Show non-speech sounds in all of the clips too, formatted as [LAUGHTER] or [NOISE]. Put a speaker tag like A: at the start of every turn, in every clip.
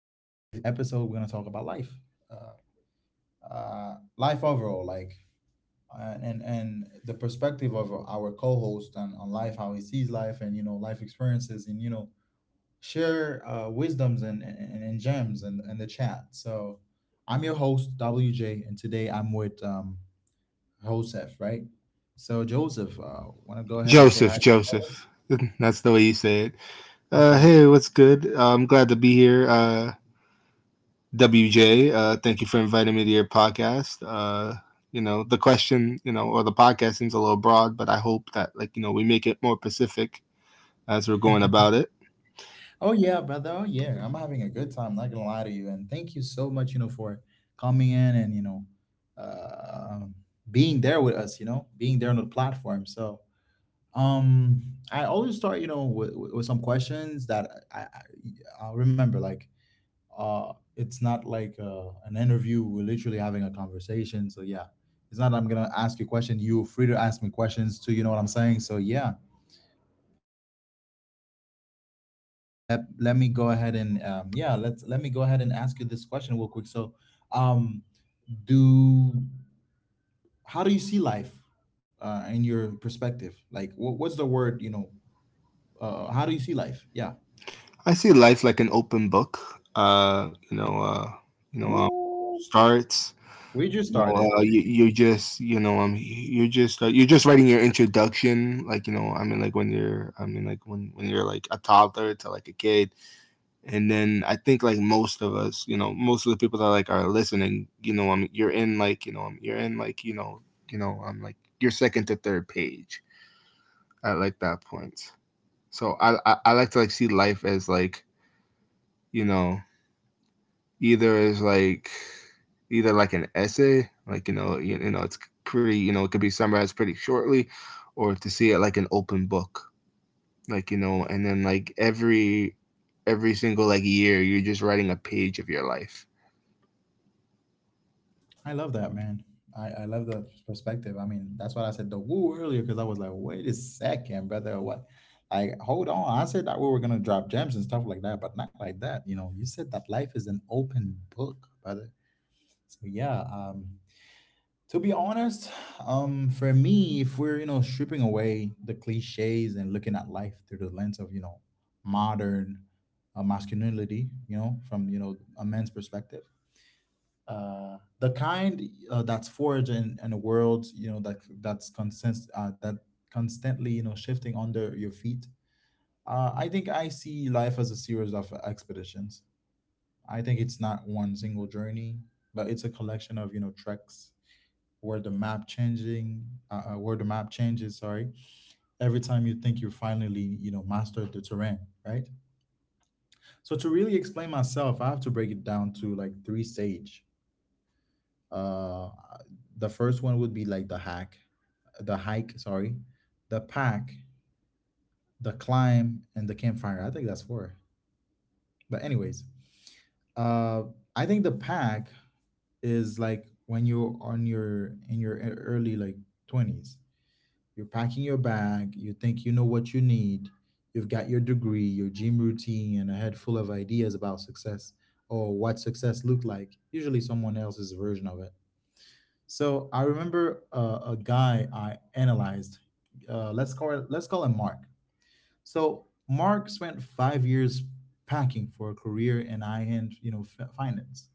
A: today's episode, we're gonna talk about life, uh, life overall, like and the perspective of our co-host on life, how he sees life, and you know life experiences, and share wisdoms and gems and the chat. So I'm your host WJ, and today I'm with Joseph, right? So Joseph, want to go ahead and say
B: Joseph,
A: hi.
B: Joseph. [LAUGHS] That's the way you say it. Uh,
A: Okay.
B: hey, what's good? I'm glad to be here. WJ, thank you for inviting me to your podcast. The question, or the podcast seems a little broad, but I hope that, we make it more specific as we're going about it.
A: Oh yeah, brother. Oh yeah. I'm having a good time, not gonna lie to you. And thank you so much, you know, for coming in and, you know, uh, being there with us, you know, being there on the platform. So um I always start, you know, with some questions that I remember, like it's not like an interview. We're literally having a conversation. So yeah. It's not I'm gonna ask you a question. You're free to ask me questions too, you know what I'm saying? So yeah. Let me go ahead and yeah let me go ahead and ask you this question real quick. So um do how do you see life in your perspective, like what's the word, you know, how do you see life, yeah?
B: I see life like an open book. You know,
A: Ooh,
B: starts
A: we just
B: No,
A: started.
B: you, you're just writing your introduction, like, you know, I mean, like when you're, I mean, like when you're like a toddler to like a kid, and then I think like most of us, most of the people that like are listening, you're in like, you're in like, like your second to third page at like that point. So I like to like see life as like, you know, either is like either like an essay, it's it could be summarized pretty shortly, or to see it like an open book, like you know, and then every single like year, you're just writing a page of your life.
A: I love that, man. I love the perspective. I mean, that's why I said the woo earlier, because I was like, wait a second, brother, what, like hold on, I said that we were gonna drop gems and stuff like that, but not like that, you know? You said that life is an open book, brother. So yeah, to be honest, for me, if we're you know stripping away the cliches and looking at life through the lens of you know modern masculinity, you know, from you know a man's perspective, the kind that's forged in a world you know that's constantly you know shifting under your feet. I think I see life as a series of expeditions. I think it's not one single journey, but it's a collection of you know treks where the map changing where the map changes, sorry, every time you think you finally you know mastered the terrain, right? So to really explain myself, I have to break it down to like three stage. Uh the first one would be like the hike, sorry, the pack, the climb and the campfire. I think that's four, but anyways. Uh i think the pack is like when you're on your in your early like 20s. You're packing your bag, you think you know what you need, you've got your degree, your gym routine, and a head full of ideas about success or what success looked like, usually someone else's version of it. So I remember a guy I analyzed. Let's call him Mark. So Mark spent 5 years packing for a career in high-end, you know, finance.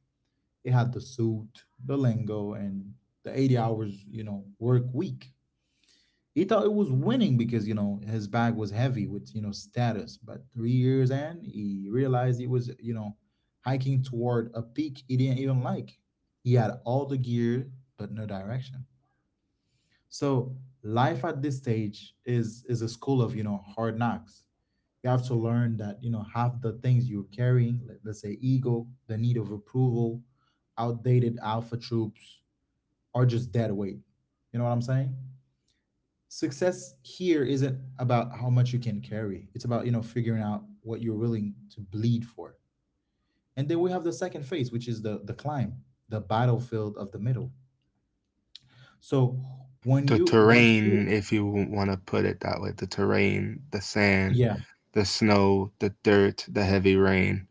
A: He had the suit, the lingo, and the 80 hours, you know, work week. He thought it was winning because, you know, his bag was heavy with, you know, status. But 3 years in, he realized he was, you know, hiking toward a peak he didn't even like. He had all the gear, but no direction. So life at this stage is a school of, you know, hard knocks. You have to learn that, you know, half the things you're carrying, let's say ego, the need of approval, outdated alpha troops, are just dead weight. You know what I'm saying? Success here isn't about how much you can carry, it's about you know figuring out what you're willing to bleed for. And then we have the second phase, which is the climb, the battlefield of the middle. So when
B: The
A: you, once you...
B: terrain, if you want to put it that way, the terrain, the sand,
A: Yeah,
B: the snow, the dirt, the heavy rain,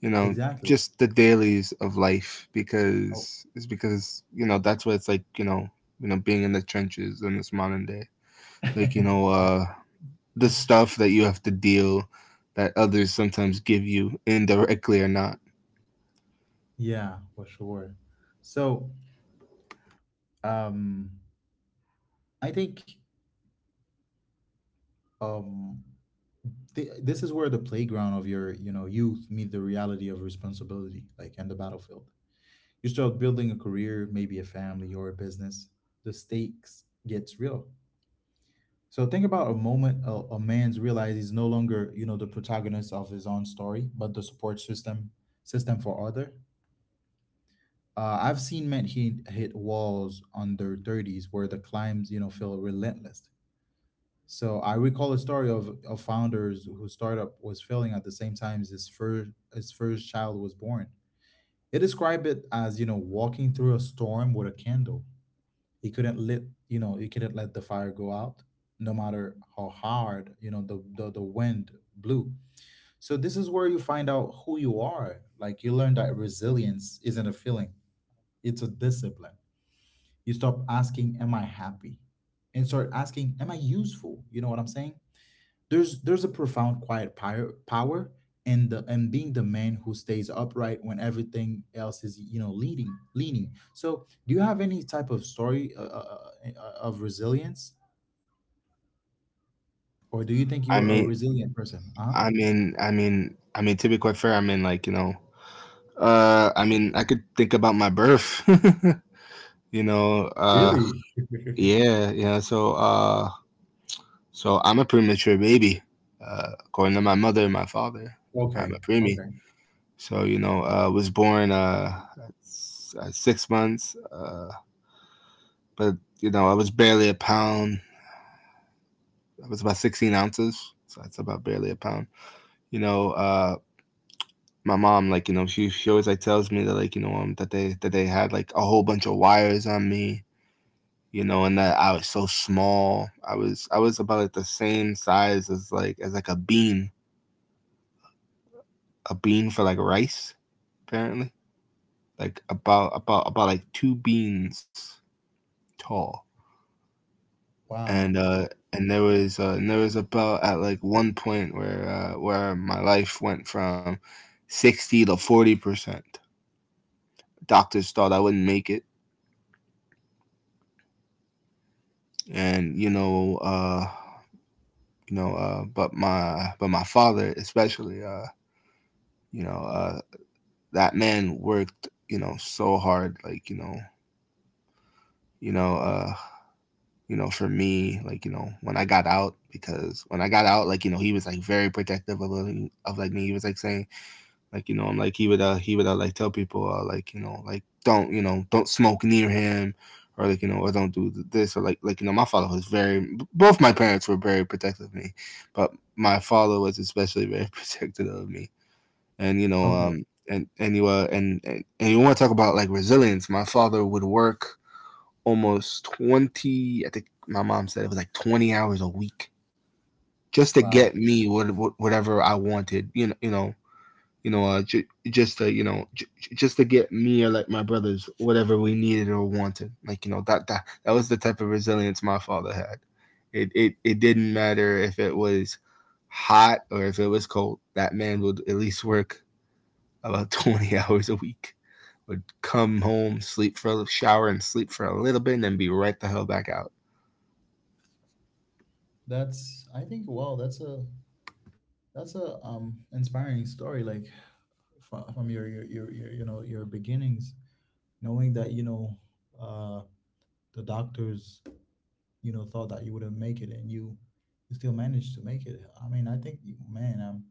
B: you know
A: exactly.
B: just the dailies of life
A: Oh,
B: because it's because you know that's what it's like, being in the trenches in this modern day like you know
A: [LAUGHS] yeah.
B: uh the stuff that you have to deal that others sometimes give you indirectly or not.
A: Yeah, for sure. So um i think um this is where the playground of your you know youth meet the reality of responsibility, like, and the battlefield. You start building a career, maybe a family or a business. The stakes gets real. So think about a moment a man's realized he's no longer, you know, the protagonist of his own story, but the support system system for other. I've seen men hit walls on their 30s where the climbs, you know, feel relentless. So I recall a story of founders whose startup was failing at the same time as his first child was born. They describe it as, you know, walking through a storm with a candle. He couldn't let, you know, he couldn't let the fire go out, no matter how hard you know the wind blew. So this is where you find out who you are. Like, you learn that resilience isn't a feeling, it's a discipline. You stop asking, am I happy, and start asking, am I useful, you know what I'm saying? There's a profound quiet power in the and being the man who stays upright when everything else is you know leading leaning. So, do you have any type of story of resilience, or do you think you
B: i
A: are a
B: mean
A: resilient person? Uh huh.
B: i mean i mean i mean to be quite fair, I could think about my birth. [LAUGHS] you know uh
A: Really? [LAUGHS]
B: yeah yeah so uh So I'm a premature baby, according to my mother and my father. I'm a
A: Okay.
B: preemie.
A: Okay.
B: So was born at 6 months, but you know, I was barely a pound. I was about 16 ounces, so that's about barely a pound. You know, uh, my mom, like you know, she always like tells me that like that they had like a whole bunch of wires on me. You know, and that I was so small. I was about like the same size as a bean for like rice apparently, like about like two beans tall, and
A: Wow.
B: and there was about at like one point where my life went from 60 to 40%. Doctors thought I wouldn't make it, and but my father especially, you know, uh, that man worked, you know, so hard, you know, uh, for me, like, you know, when I got out, because when I got out, like, you know, he was like very protective of like me. He was like saying, like, you know, I'm like, he would like tell people, like, don't, don't smoke near him or or don't do this or my father was very, both my parents were very protective of me, but my father was especially [LAUGHS] very protective of me. And, you know,
A: Okay.
B: and you want to talk about like resilience. My father would work almost 20, I think my mom said it was like 20 hours a week just to
A: Wow.
B: get me whatever I wanted, ju- just to, you know, ju- just to get me or like my brothers whatever we needed or wanted. Like, you know, that was the type of resilience my father had. It didn't matter if it was hot or if it was cold, that man would at least work about [LAUGHS] 20 hours a week. Would come home, sleep for a shower, and sleep for a little bit, and then be right the hell back out.
A: That's, I think, wow, that's a, that's a, inspiring story, like from your, your you know your beginnings, knowing that you know uh the doctors you know thought that you wouldn't make it and you still managed to make it. I mean, I think you- man, i'm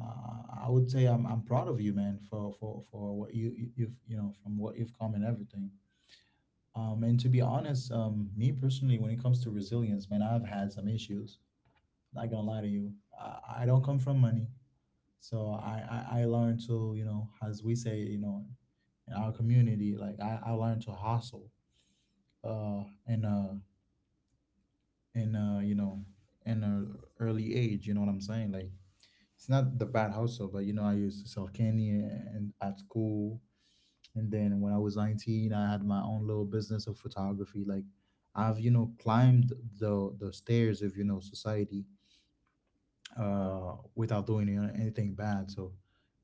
A: uh, I would say I'm proud of you, man, for what you've, you know, from what you've come and everything. And to be honest, me personally, when it comes to resilience, man, I've had some issues, not gonna lie to you. I don't come from money, so I learned to, you know, as we say, you know, in our community, like, I learned to hustle and in a, you know, in a early age, you know what I'm saying? Like, it's not the bad hustle, but you know, I used to sell candy and at school, and then when I was 19, I had my own little business of photography. Like, I've you know climbed the stairs of you know society, without doing, you know, anything bad. So,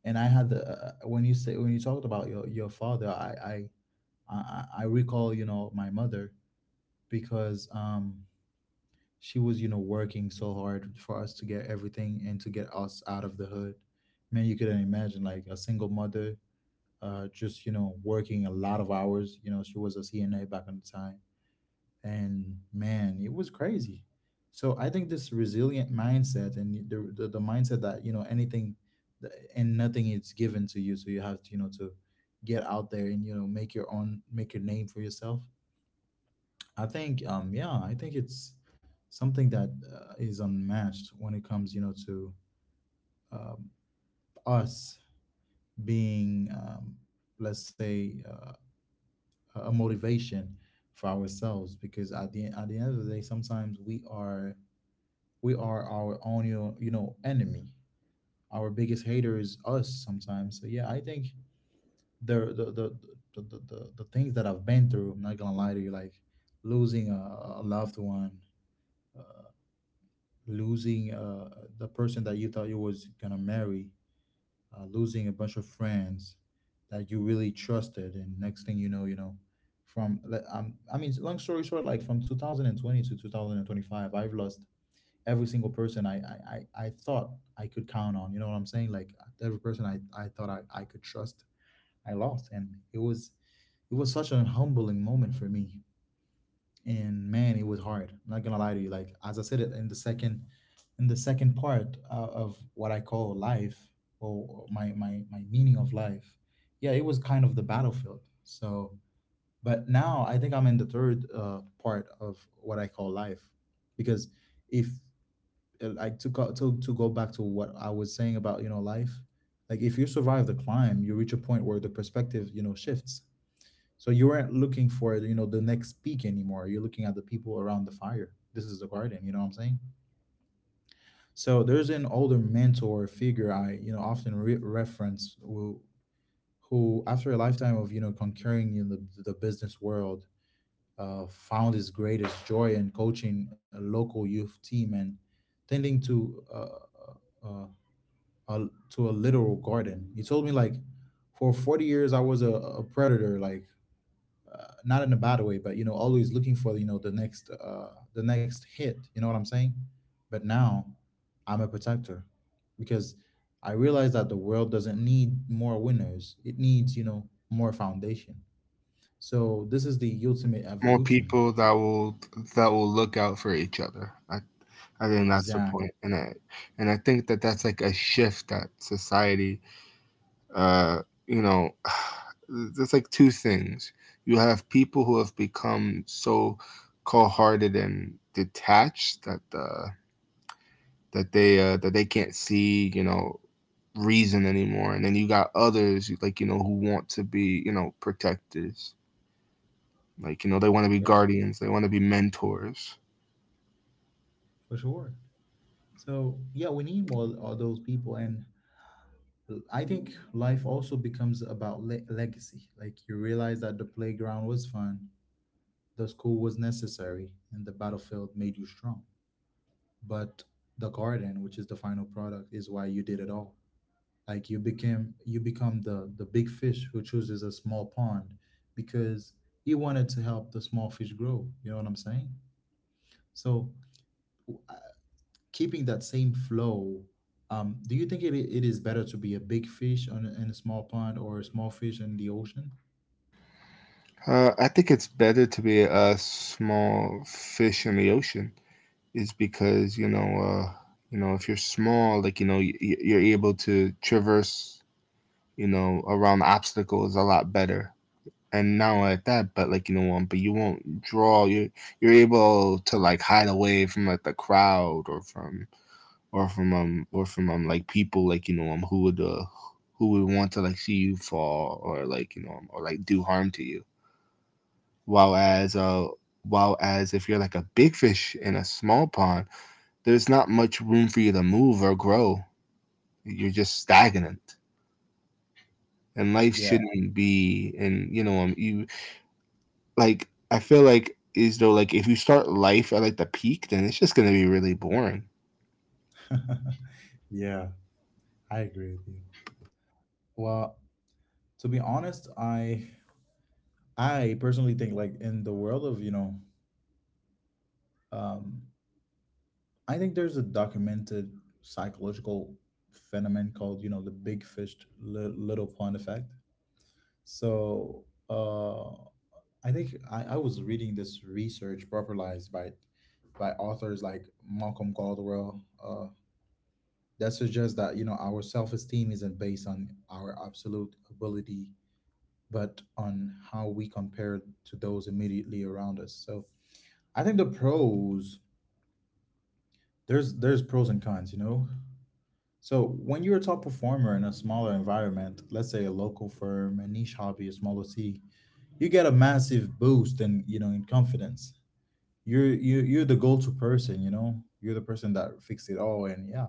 A: and I had the when you say, when you talked about your father, I recall, you know, my mother, because she was you know working so hard for us to get everything and to get us out of the hood. Man, you couldn't imagine, like, a single mother, just you know working a lot of hours. You know, she was a CNA back in the time, and man, it was crazy. So I think this resilient mindset and the mindset that, you know, anything, and nothing is given to you, so you have to, you know, to get out there and, you know, make your own, make your name for yourself. I think, yeah, I think it's something that is unmatched when it comes, you know, to um, us being, let's say, a motivation for ourselves. Because at the end of the day, sometimes we are our own, you know, enemy. Our biggest hater is us sometimes. So yeah, I think the the the the things that I've been through, I'm not gonna lie to you, like losing a loved one, losing the person that you thought you was gonna marry, losing a bunch of friends that you really trusted, and next thing you know, from like, I mean, long story short, like from 2020 to 2025, I've lost every single person I thought I could count on. You know what I'm saying? Like, every person I thought I could trust, I lost, and it was such an humbling moment for me, and man, it was hard. I'm not gonna lie to you. Like, as I said it in the second, in the second part, of what I call life, or my my meaning of life, yeah, it was kind of the battlefield. So but now I think I'm in the third, part of what I call life. Because if, like to go back to what I was saying about you know life, like if you survive the climb, you reach a point where the perspective you know shifts, so you weren't looking for you know the next peak anymore. You're looking at the people around the fire. This is the garden. You know what I'm saying? So there's an older mentor figure I often reference who, after a lifetime of conquering in the business world, found his greatest joy in coaching a local youth team and tending to to a literal garden. He told me, like, for 40 years I was a predator, like, not in a bad way, but, always looking for the next hit. You know what I'm saying? But now I'm a protector because I realize that the world doesn't need more winners. It needs more foundation. So this is the ultimate
B: More
A: evolution.
B: people that will look out for each other. I think that's the
A: Exactly.
B: point, and I think that that's like a shift that society, uh, you know, [SIGHS] there's like two things. You have people who have become so cold-hearted and detached that that they can't see reason anymore, and then you got others like you know who want to be you know protectors, like you know they want to be
A: Yeah,
B: guardians, they want to be mentors.
A: for sure. So, yeah, we need more of those people, and I think life also becomes about legacy. Like you realize that the playground was fun, The school was necessary, and the battlefield made you strong. But the garden, which is the final product, is why you did it all. Like you become the big fish who chooses a small pond because he wanted to help the small fish grow. You know what I'm saying? So keeping that same flow, do you think it is better to be a big fish in a small pond or a small fish in the ocean?
B: I think it's better to be a small fish in the ocean. Is because if you're small, like you know, you're able to traverse, you know, around obstacles a lot better. And not only like that, but but you won't draw. You you're able to like hide away from like the crowd or from like people who would want to like see you fall or or like do harm to you while as uh, while as if you're like a big fish in a small pond, there's not much room for you to move or grow. You're just stagnant, and life
A: Yeah,
B: shouldn't be. And you know, you like I feel like is though like if you start life at like the peak, then it's just gonna be really boring.
A: [LAUGHS] yeah, I agree with you. Well, to be honest, I personally think, like in the world of, um, I think there's a documented psychological phenomenon called, the big fish little pond effect. So, I think, I was reading this research popularized by authors like Malcolm Gladwell, that suggests that our self esteem isn't based on our absolute ability, but on how we compare to those immediately around us. So, I think the pros there's pros and cons. So when you're a top performer in a smaller environment, let's say a local firm, a niche hobby, a small OC, you get a massive boost in in confidence. You're you're the go-to person, you know. You're the person that fixed it all, and yeah.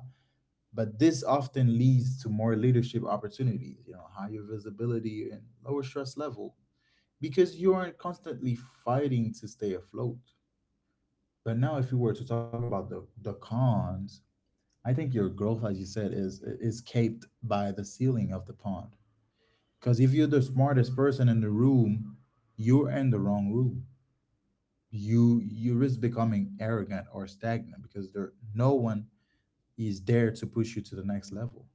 A: But this often leads to more leadership opportunities, higher visibility and lower stress level because you aren't constantly fighting to stay afloat. But now, if we were to talk about the cons, I think your growth, as you said, is capped by the ceiling of the pond. Because if you're the smartest person in the room, you're in the wrong room. You risk becoming arrogant or stagnant because there no one is there to push you to the next level.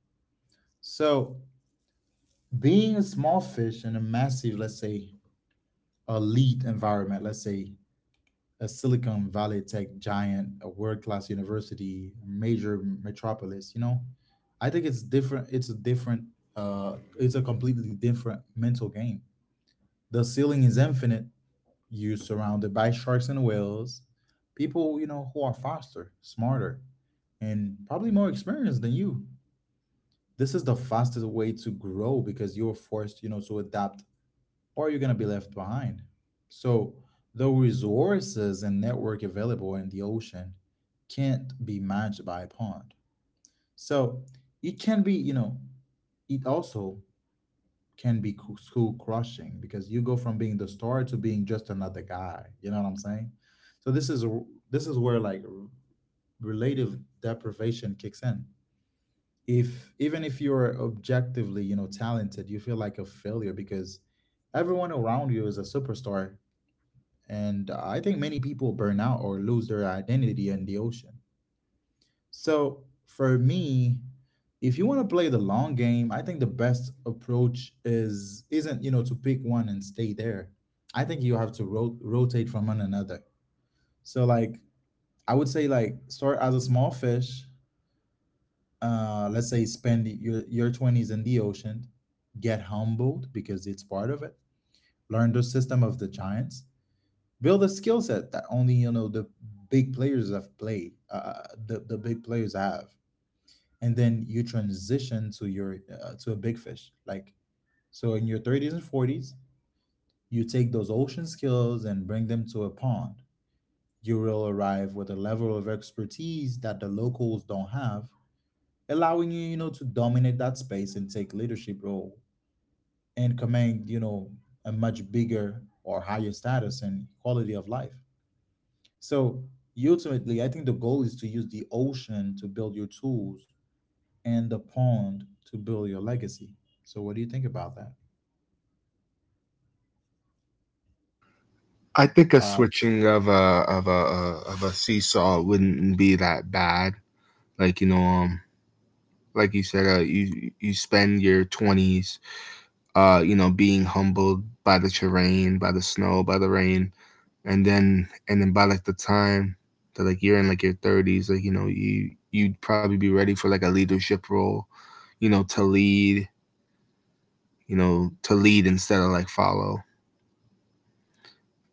A: So, being a small fish in a massive, let's say, elite environment, let's say a Silicon Valley tech giant, a world-class university, a major metropolis, I think it's different. It's a different. It's a completely different mental game. The ceiling is infinite. You're surrounded by sharks and whales, people who are faster, smarter, and probably more experienced than you. This is the fastest way to grow because you're forced, to adapt or you're going to be left behind. So, the resources and network available in the ocean can't be matched by a pond. So, it can be, it also can be school crushing because you go from being the star to being just another guy. You know what I'm saying? So this is where, like, relative deprivation kicks in. If Even if you're objectively, talented, you feel like a failure because everyone around you is a superstar. And I think many people burn out or lose their identity in the ocean. So for me, if you want to play the long game, I think the best approach is isn't, to pick one and stay there. I think you have to rotate from one another. So, like, I would say, like, start as a small fish. Let's say spend your 20s in the ocean, get humbled because it's part of it. Learn the system of the giants, build a skill set that only the big players have and then you transition to your to a big fish, like, so in your 30s and 40s you take those ocean skills and bring them to a pond. You will arrive with a level of expertise that the locals don't have, allowing you, you know to dominate that space and take leadership role, and command, a much bigger or higher status and quality of life. So, ultimately, I think the goal is to use the ocean to build your tools and the pond to build your legacy. So what do you think about that?
B: I think a
A: Uh,
B: switching of a of a of a seesaw wouldn't be that bad. Like you know, like you said, you you spend your twenties you know, being humbled by the terrain, by the snow, by the rain, and then by like the time that like you're in like your thirties, like you know, you you'd probably be ready for like a leadership role, you know, to lead, you know, to lead instead of like follow.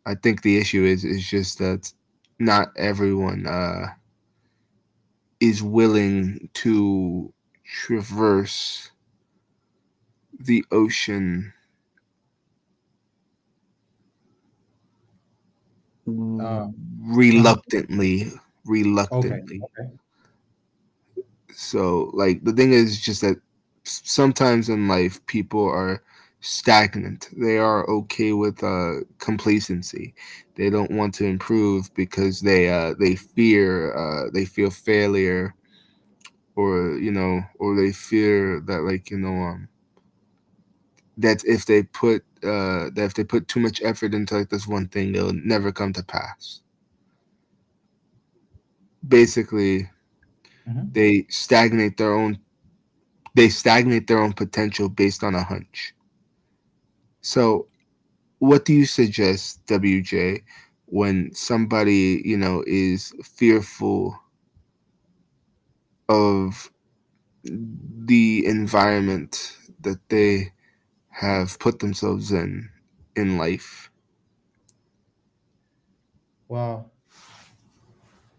B: I think the issue is just that not everyone is willing to traverse the ocean
A: uh, yeah. Huh?
B: reluctantly,
A: Okay.
B: reluctantly.
A: Okay.
B: So, like, the thing is just that sometimes in life, people are stagnant. They are okay with complacency. They don't want to improve because they feel failure, or you know, or they fear that like that if they put that if they put too much effort into like this one thing, it'll never come to pass. Basically,
A: Hmm.
B: they stagnate their own they stagnate their own potential based on a hunch. So what do you suggest, WJ, when somebody, you know, is fearful of the environment that they have put themselves in life?
A: Well,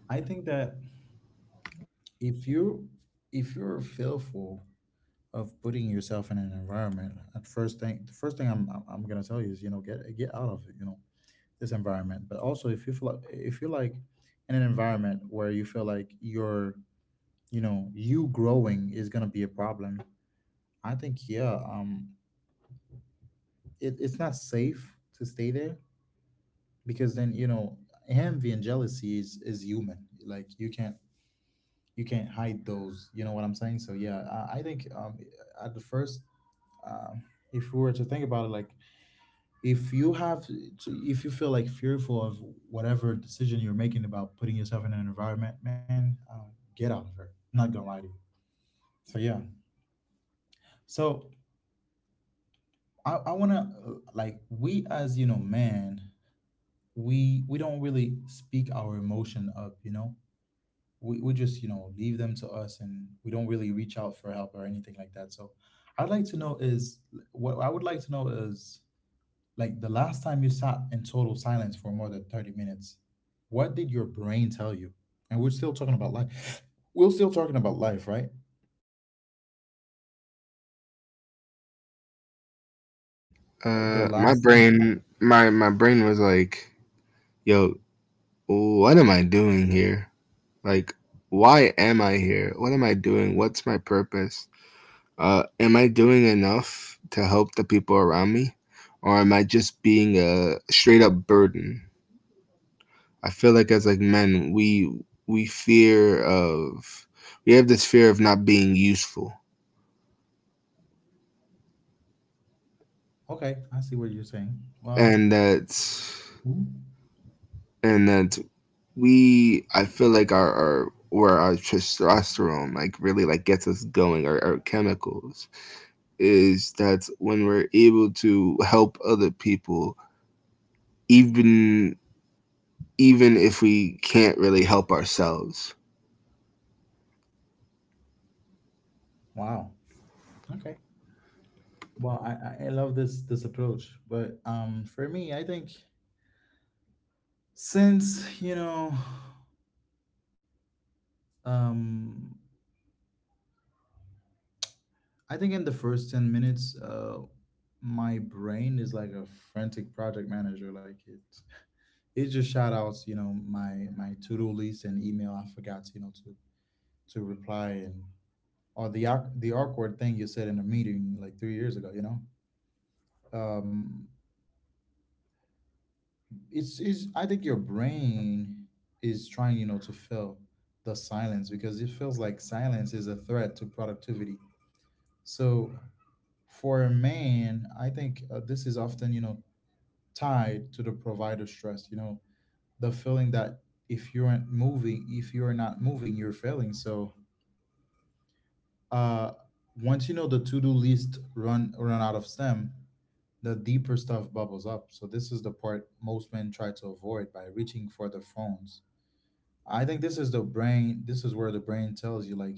A: I think that if you if you're fearful of putting yourself in an environment, at first thing the first thing I'm gonna tell you is, get out of, this environment. But also if you feel like, if you're like in an environment where you feel like you're you know you growing is going to be a problem, I think, yeah, it's not safe to stay there because then, envy and jealousy is human, like you can't hide those, you know what I'm saying? So, yeah, I think, at the first um if we were to think about it, like, if you have to- if you feel like fearful of whatever decision you're making about putting yourself in an environment, man, get out of it, I'm not gonna lie to you. So, yeah, so I wanna, like, we, as you know, man, we don't really speak our emotion up, we just, leave them to us, and we don't really reach out for help or anything like that. So, I'd like to know is what I would like to know is, like, the last time you sat in total silence for more than 30 minutes, what did your brain tell you? And we're still talking about life, we're still talking about life, right? The
B: My
A: last time
B: brain, my brain was like, "Yo, what am I doing here? Like, why am I here? What am I doing? What's my purpose?" Am I doing enough to help the people around me, or am I just being a straight up burden? I feel like as like men, we have this fear of not being useful,
A: Okay, I see what you're saying. Well.
B: and that
A: Hmm.
B: and that we I feel like our testosterone like really like gets us going, our chemicals, is that when we're able to help other people, even even if we can't really help ourselves?
A: Wow. Okay. Well, I love this approach, but, for me, I think, since, um, I think in the first 10 minutes, my brain is like a frantic project manager. Like it just shout outs, my to do list and email I forgot, to reply, and or the the awkward thing you said in a meeting like three years ago. Um, it's is, I think, your brain is trying, to fill the silence because it feels like silence is a threat to productivity. So for a man, I think, this is often, tied to the provider stress, the feeling that, if you're not moving, you're failing. So, uh once, the to-do list run out of stem, the deeper stuff bubbles up. So this is the part most men try to avoid by reaching for their phones. I think this is the brain. This is where the brain tells you, like,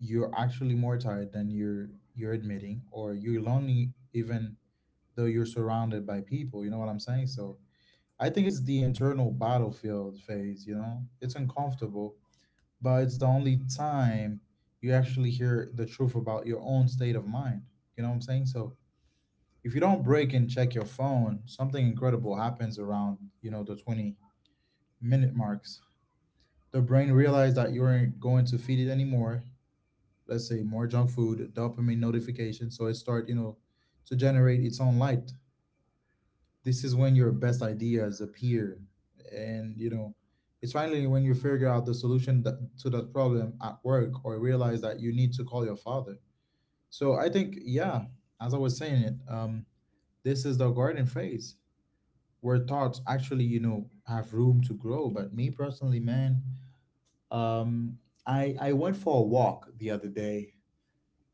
A: you're actually more tired than you're admitting, or you're lonely even though you're surrounded by people. You know what I'm saying? So I think it's the internal battlefield phase. You know, it's uncomfortable, but it's the only time you actually hear the truth about your own state of mind. You know what I'm saying? So if you don't break and check your phone, something incredible happens around, the 20-minute marks. The brain realized that you weren't going to feed it anymore. Let's say more junk food, dopamine notification, so it start, to generate its own light. This is when your best ideas appear, and, it's finally when you figure out the solution to that problem at work, or realize that you need to call your father. So I think, yeah, as I was saying it, this is the garden phase where thoughts actually, have room to grow. But me personally, man. Um, I went for a walk the other day,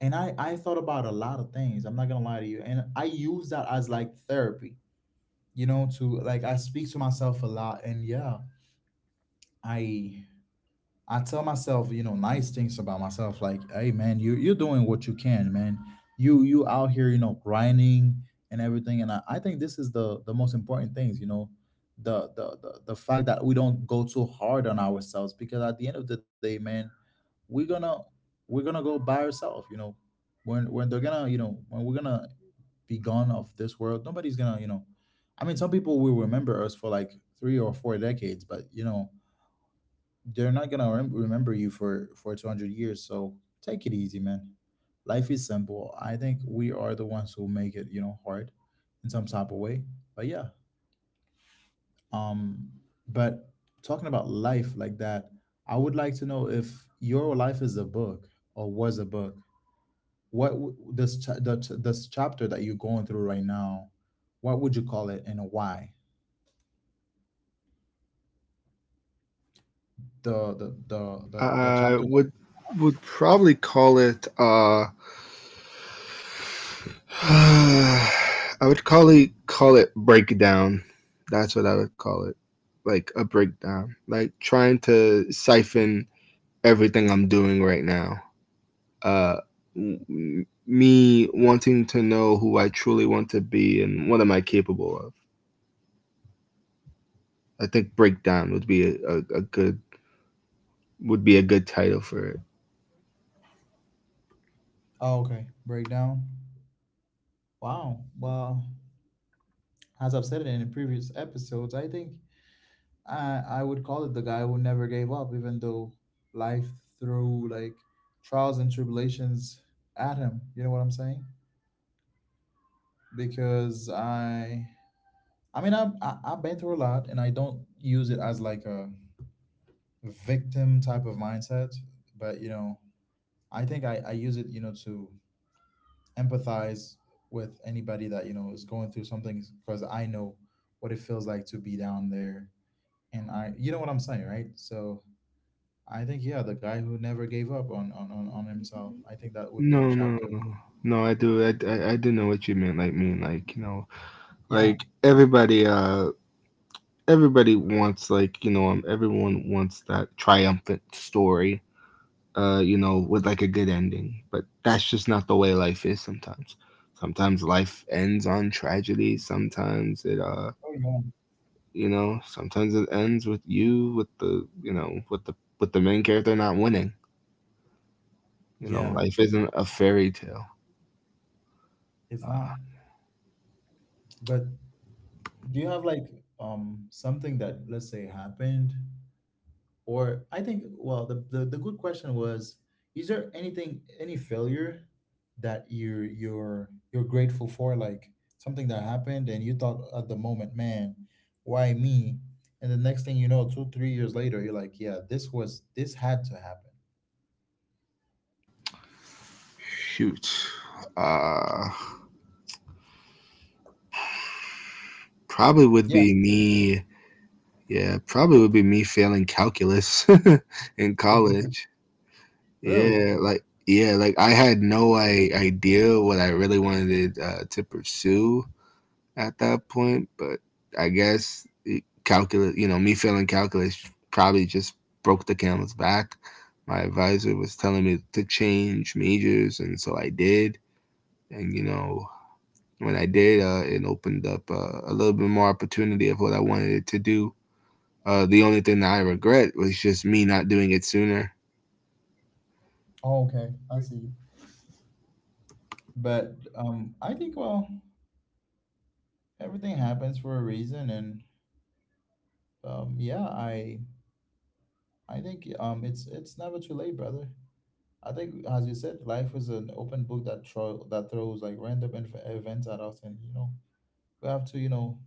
A: and I thought about a lot of things. I'm not gonna lie to you, and I use that as, like, therapy, to, like, I speak to myself a lot, and, yeah, I I tell myself, nice things about myself, like, hey man, you're doing what you can, man. You out here, grinding and everything, and I think this is the most important things. The fact that we don't go too hard on ourselves, because at the end of the day, man, we're gonna we're gonna go by ourselves. When they're gonna, when we're gonna be gone off this world, nobody's gonna. I mean, some people will remember us for like 3 or 4 decades, but they're not gonna remember you for 200 years. So take it easy, man. Life is simple. I think we are the ones who make it, hard in some type of way. But yeah. Um but talking about life like that, I would like to know, if your life is a book or was a book, what w- this cha- the, ch- this chapter that you're going through right now, what would you call it, and why? the the the the, the
B: I
A: chapter that,
B: would would probably call it [SIGHS] I would call it breakdown. That's what I would call it. Like a breakdown. Like trying to siphon everything I'm doing right now. Uh Me wanting to know who I truly want to be and what am I capable of. I think breakdown would be a good, would be a good title for it.
A: Oh, okay. Breakdown. Wow. Well, as I've said it in the previous episodes, I think I would call it the guy who never gave up, even though life threw like trials and tribulations at him. You know what I'm saying? Because I mean, I've been through a lot, and I don't use it as like a victim type of mindset. But I think I use it, to empathize with anybody that, is going through something, because I know what it feels like to be down there, and I, you know what I'm saying, right? So I think, yeah, the guy who never gave up on on himself. I think that would be the
B: No, no,
A: chapter.
B: no, no. I do. I do know what you meant. Like, mean, like you know,
A: Yeah.
B: like everybody. Everybody wants everyone wants that triumphant story. With like a good ending. But that's just not the way life is sometimes. Sometimes life ends on tragedy. Sometimes it.
A: Oh yeah.
B: You know, sometimes it ends with you with the, with the main character not winning. You know,
A: Yeah.
B: life isn't a fairy tale.
A: It's not. But do you have like something that, let's say, happened? Or I think, well, the good question was, is there anything, any failure that you're grateful for, like something that happened and you thought at the moment, man, why me? And the next thing you know, two, 3 years later, you're like, yeah, this had to happen.
B: Shoot. Uh, Probably would
A: Yeah.
B: be me yeah, probably would be me failing calculus [LAUGHS] in college.
A: [LAUGHS] Really?
B: Yeah, I had no I idea what I really wanted, to pursue at that point, but I guess it — me failing calculus probably just broke the camel's back. My advisor was telling me to change majors, and so I did, and, you know, when I did, it opened up, a little bit more opportunity of what I wanted to do. The only thing that I regret was just me not doing it sooner.
A: Oh, okay. I see. But I think, well, everything happens for a reason, and, yeah, I think, it's never too late, brother. I think, as you said, life is an open book that throw that throws like random events at us, and we have to,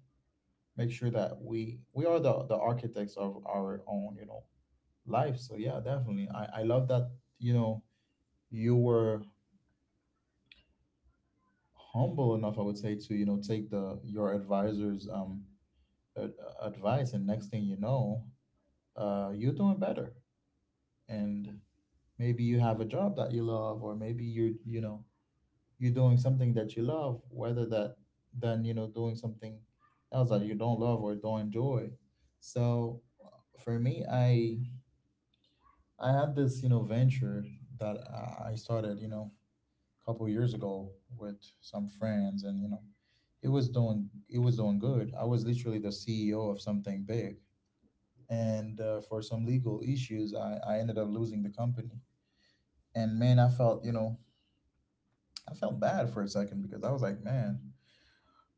A: make sure that we are the architects of our own, life. So yeah, definitely, I love that, you know you were humble enough, I would say, to, take the your advisor's ad- advice, and next thing you know, you're doing better, and maybe you have a job that you love, or maybe you doing something that you love, whether that, than, doing something else that you don't love or don't enjoy. So for me, I had this, venture that I started, a couple years ago, with some friends. And, it was doing it was doing good. I was literally the CEO of something big, and, for some legal issues, I ended up losing the company. And, man, I felt bad for a second, because I was like, man,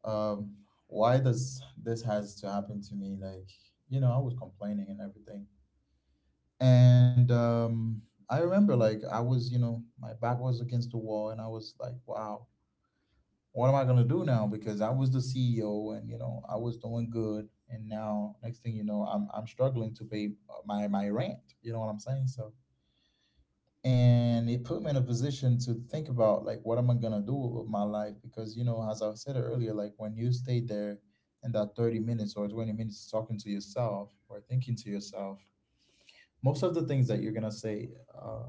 A: um why does this has to happen to me? Like, I was complaining and everything. And I remember, like, I was you know my back was against the wall, and I was like, wow, what am I going to do now? Because I was the CEO, and, I was doing good, and now next thing you know, I'm struggling to pay, my rent. You know what I'm saying? So, and it put me in a position to think about, like, what am I going to do with my life? Because, as I said earlier, like, when you stay there in that 30 minutes or 20 minutes talking to yourself or thinking to yourself, most of the things that you're going to say, uh,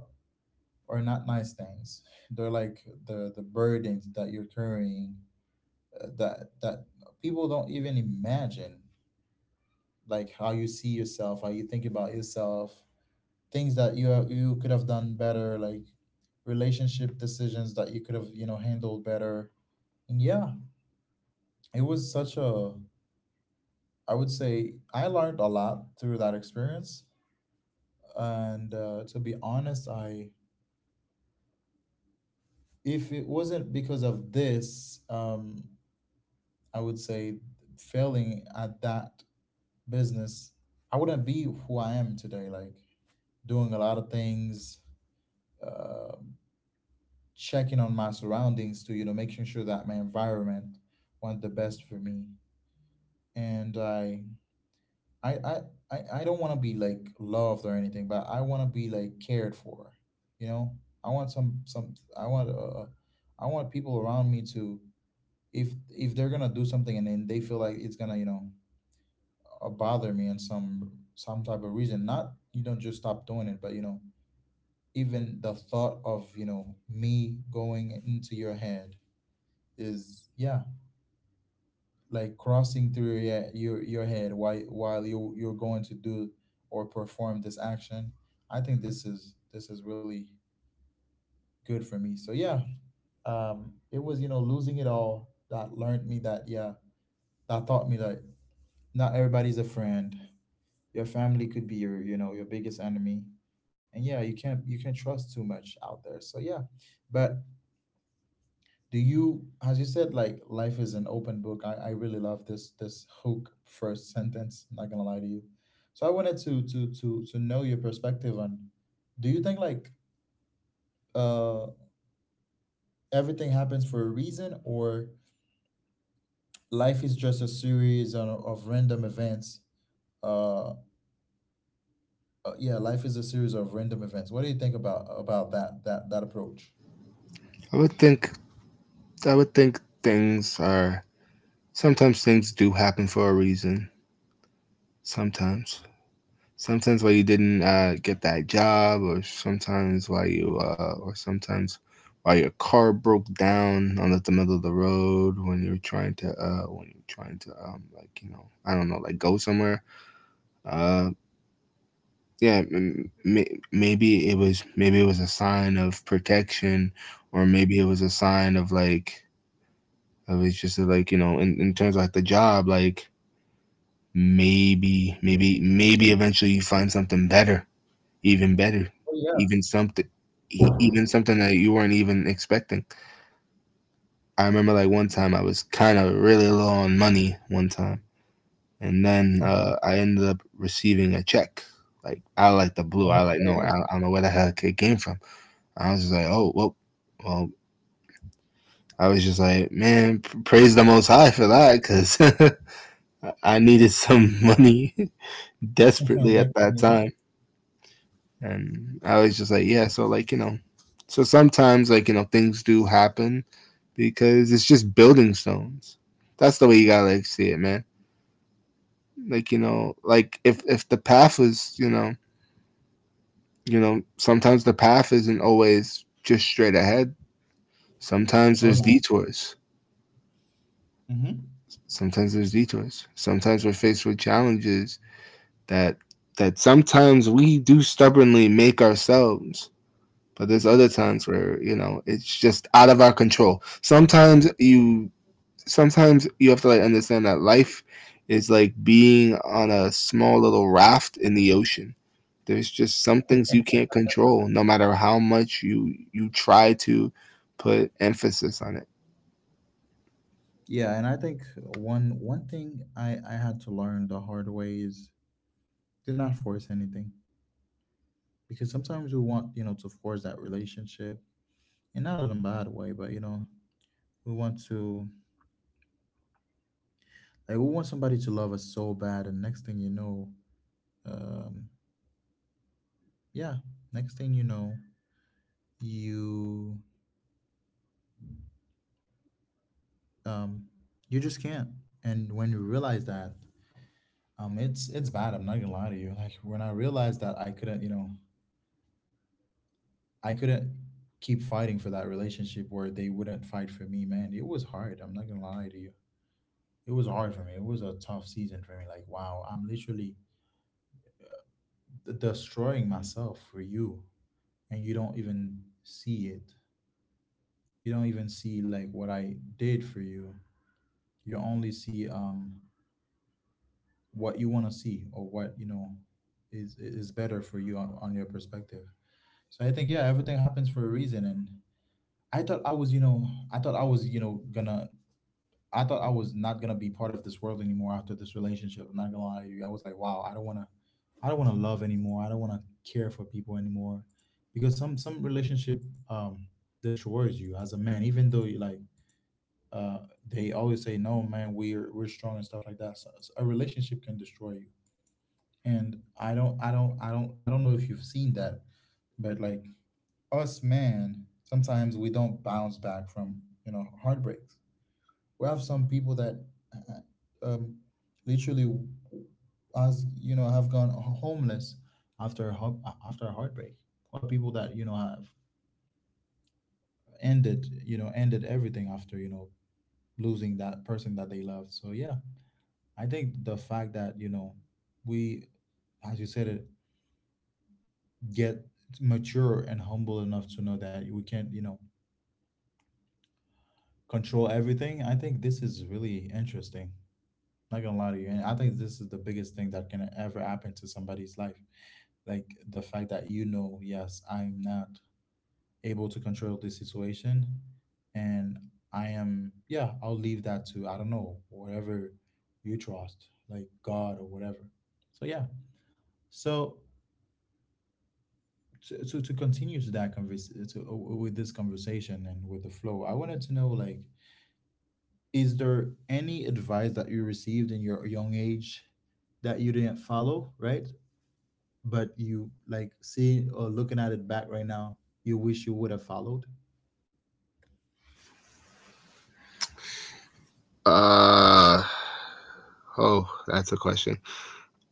A: are not nice things. They're like the burdens that you're carrying, that people don't even imagine, like how you see yourself, how you think about yourself, things that you have, you could have done better, like relationship decisions that you could have, handled better. And yeah, it was such a I would say I learned a lot through that experience. And, to be honest, I if it wasn't because of this, I would say, failing at that business, I wouldn't be who I am today. Like doing a lot of things. Um Checking on my surroundings to, making sure that my environment want the best for me, and i i I don't want to be, like, loved or anything, but I want to be, like, cared for. you know i want some some i want uh uh, I want people around me to, if they're gonna do something and then they feel like it's gonna, bother me in some type of reason, not, you don't just stop doing it, but, even the thought of, me going into your head, is, yeah, like crossing through your head, while you're going to do or perform this action. I think this is really good for me. So yeah, it was, losing it all, that learned me that, yeah, that taught me that not everybody's a friend. Your family could be your you know your biggest enemy, and yeah, you can't trust too much out there. So yeah, but, do you as you said, like, life is an open book. I really love this, hook first sentence. I'm not gonna lie to you. So I wanted to know your perspective on, do you think, like, uh everything happens for a reason, or life is just a series of random events? uh, yeah, life is a series of random events. What do you think about that approach?
B: I would think I would think things are sometimes things do happen for a reason. Sometimes, sometimes why you didn't get that job, or sometimes why you or sometimes why your car broke down on the middle of the road when you're trying to when you're trying to like you know I don't know like go somewhere. Uh, yeah m- m- maybe it was a sign of protection, or maybe it was a sign of like it was just like you know in terms of like the job, like maybe eventually you find something better, even better,
A: Oh, yeah.
B: even something, even something that you weren't even expecting. I remember like one time I was kind of really low on money one time, and then
A: Okay.
B: I ended up receiving a check like out of like the blue. I like no I
A: Okay.
B: I don't know where the heck it came from. I was just like, oh, well, well, I was just like, man, praise the Most High for that, because [LAUGHS] I needed some money [LAUGHS]
A: [LAUGHS] Next
B: desperately
A: you
B: at that
A: know-
B: time. And I was just like, yeah, so like, you know, so sometimes like, you know, things do happen because it's just building stones. That's the way you gotta like see it, man. Like, you know, like if the path was, you know, sometimes the path isn't always just straight ahead. Sometimes
A: oh,
B: there's
A: no.
B: detours.
A: Mm-hmm.
B: Sometimes we're faced with challenges that that sometimes we do stubbornly make ourselves. But there's other times where, you know, it's just out of our control. Sometimes you have to like understand that life is like being on a small little raft in the ocean. There's just some things you can't control, no matter how much you try to put emphasis on it.
A: Yeah, and I think one thing I had to learn the hard way is to not force anything, because sometimes we want, to force that relationship, and not in a bad way, but, we want to like, we want somebody to love us so bad, and next thing you know, um, yeah, next thing you know, you um you just can't, and when you realize that. It's bad. I'm not gonna lie to you. Like, when I realized that I couldn't keep fighting for that relationship where they wouldn't fight for me, man. It was hard. I'm not gonna lie to you. It was hard for me. It was a tough season for me. Like, wow, I'm literally destroying myself for you, and you don't even see it. You don't even see, like, what I did for you. You only see what you want to see, or what, is better for you on your perspective. So I think, yeah, everything happens for a reason, and I thought I was you know I thought I was you know gonna I thought I was not gonna be part of this world anymore after this relationship. I'm not gonna lie to you. I was like, wow, I don't wanna love anymore. I don't wanna care for people anymore, because some relationship um destroys you as a man. Even though, you like, uh, they always say, no, man, we're strong and stuff like that. So, a relationship can destroy you. And I don't know if you've seen that, but, like, us, man, sometimes we don't bounce back from, heartbreaks. We have some people that, uh, um, literally, as you know, have gone homeless after after a heartbreak, or people that, have ended everything after, losing that person that they loved. So yeah, I think the fact that, we, as you said it, get mature and humble enough to know that we can't, control everything. I think this is really interesting. Not gonna lie to you, and I think this is the biggest thing that can ever happen to somebody's life. Like the fact that, yes, I'm not able to control this situation, and, yeah, I'll leave that to, I don't know, whatever you trust, like God or whatever. So yeah, so to continue to that converse to with this conversation and with the flow, I wanted to know, like, is there any advice that you received in your young age that you didn't follow, right? But, you like, seeing or looking at it back right now, you wish you would have followed?
B: Uh oh, that's a question.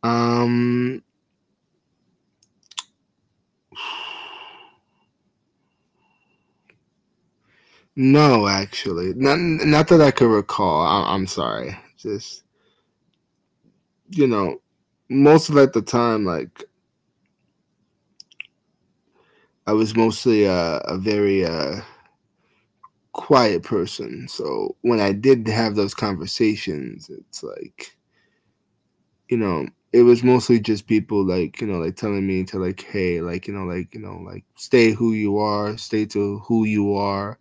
B: Um No, actually, not that I could recall. I'm sorry. Just you know, most of at the time, like I was mostly a very quiet person. So when I did have those conversations, it's like you know, it was mostly just people like you know, like telling me to like, hey, like you know, like you know, like stay who you are, stay to who you are,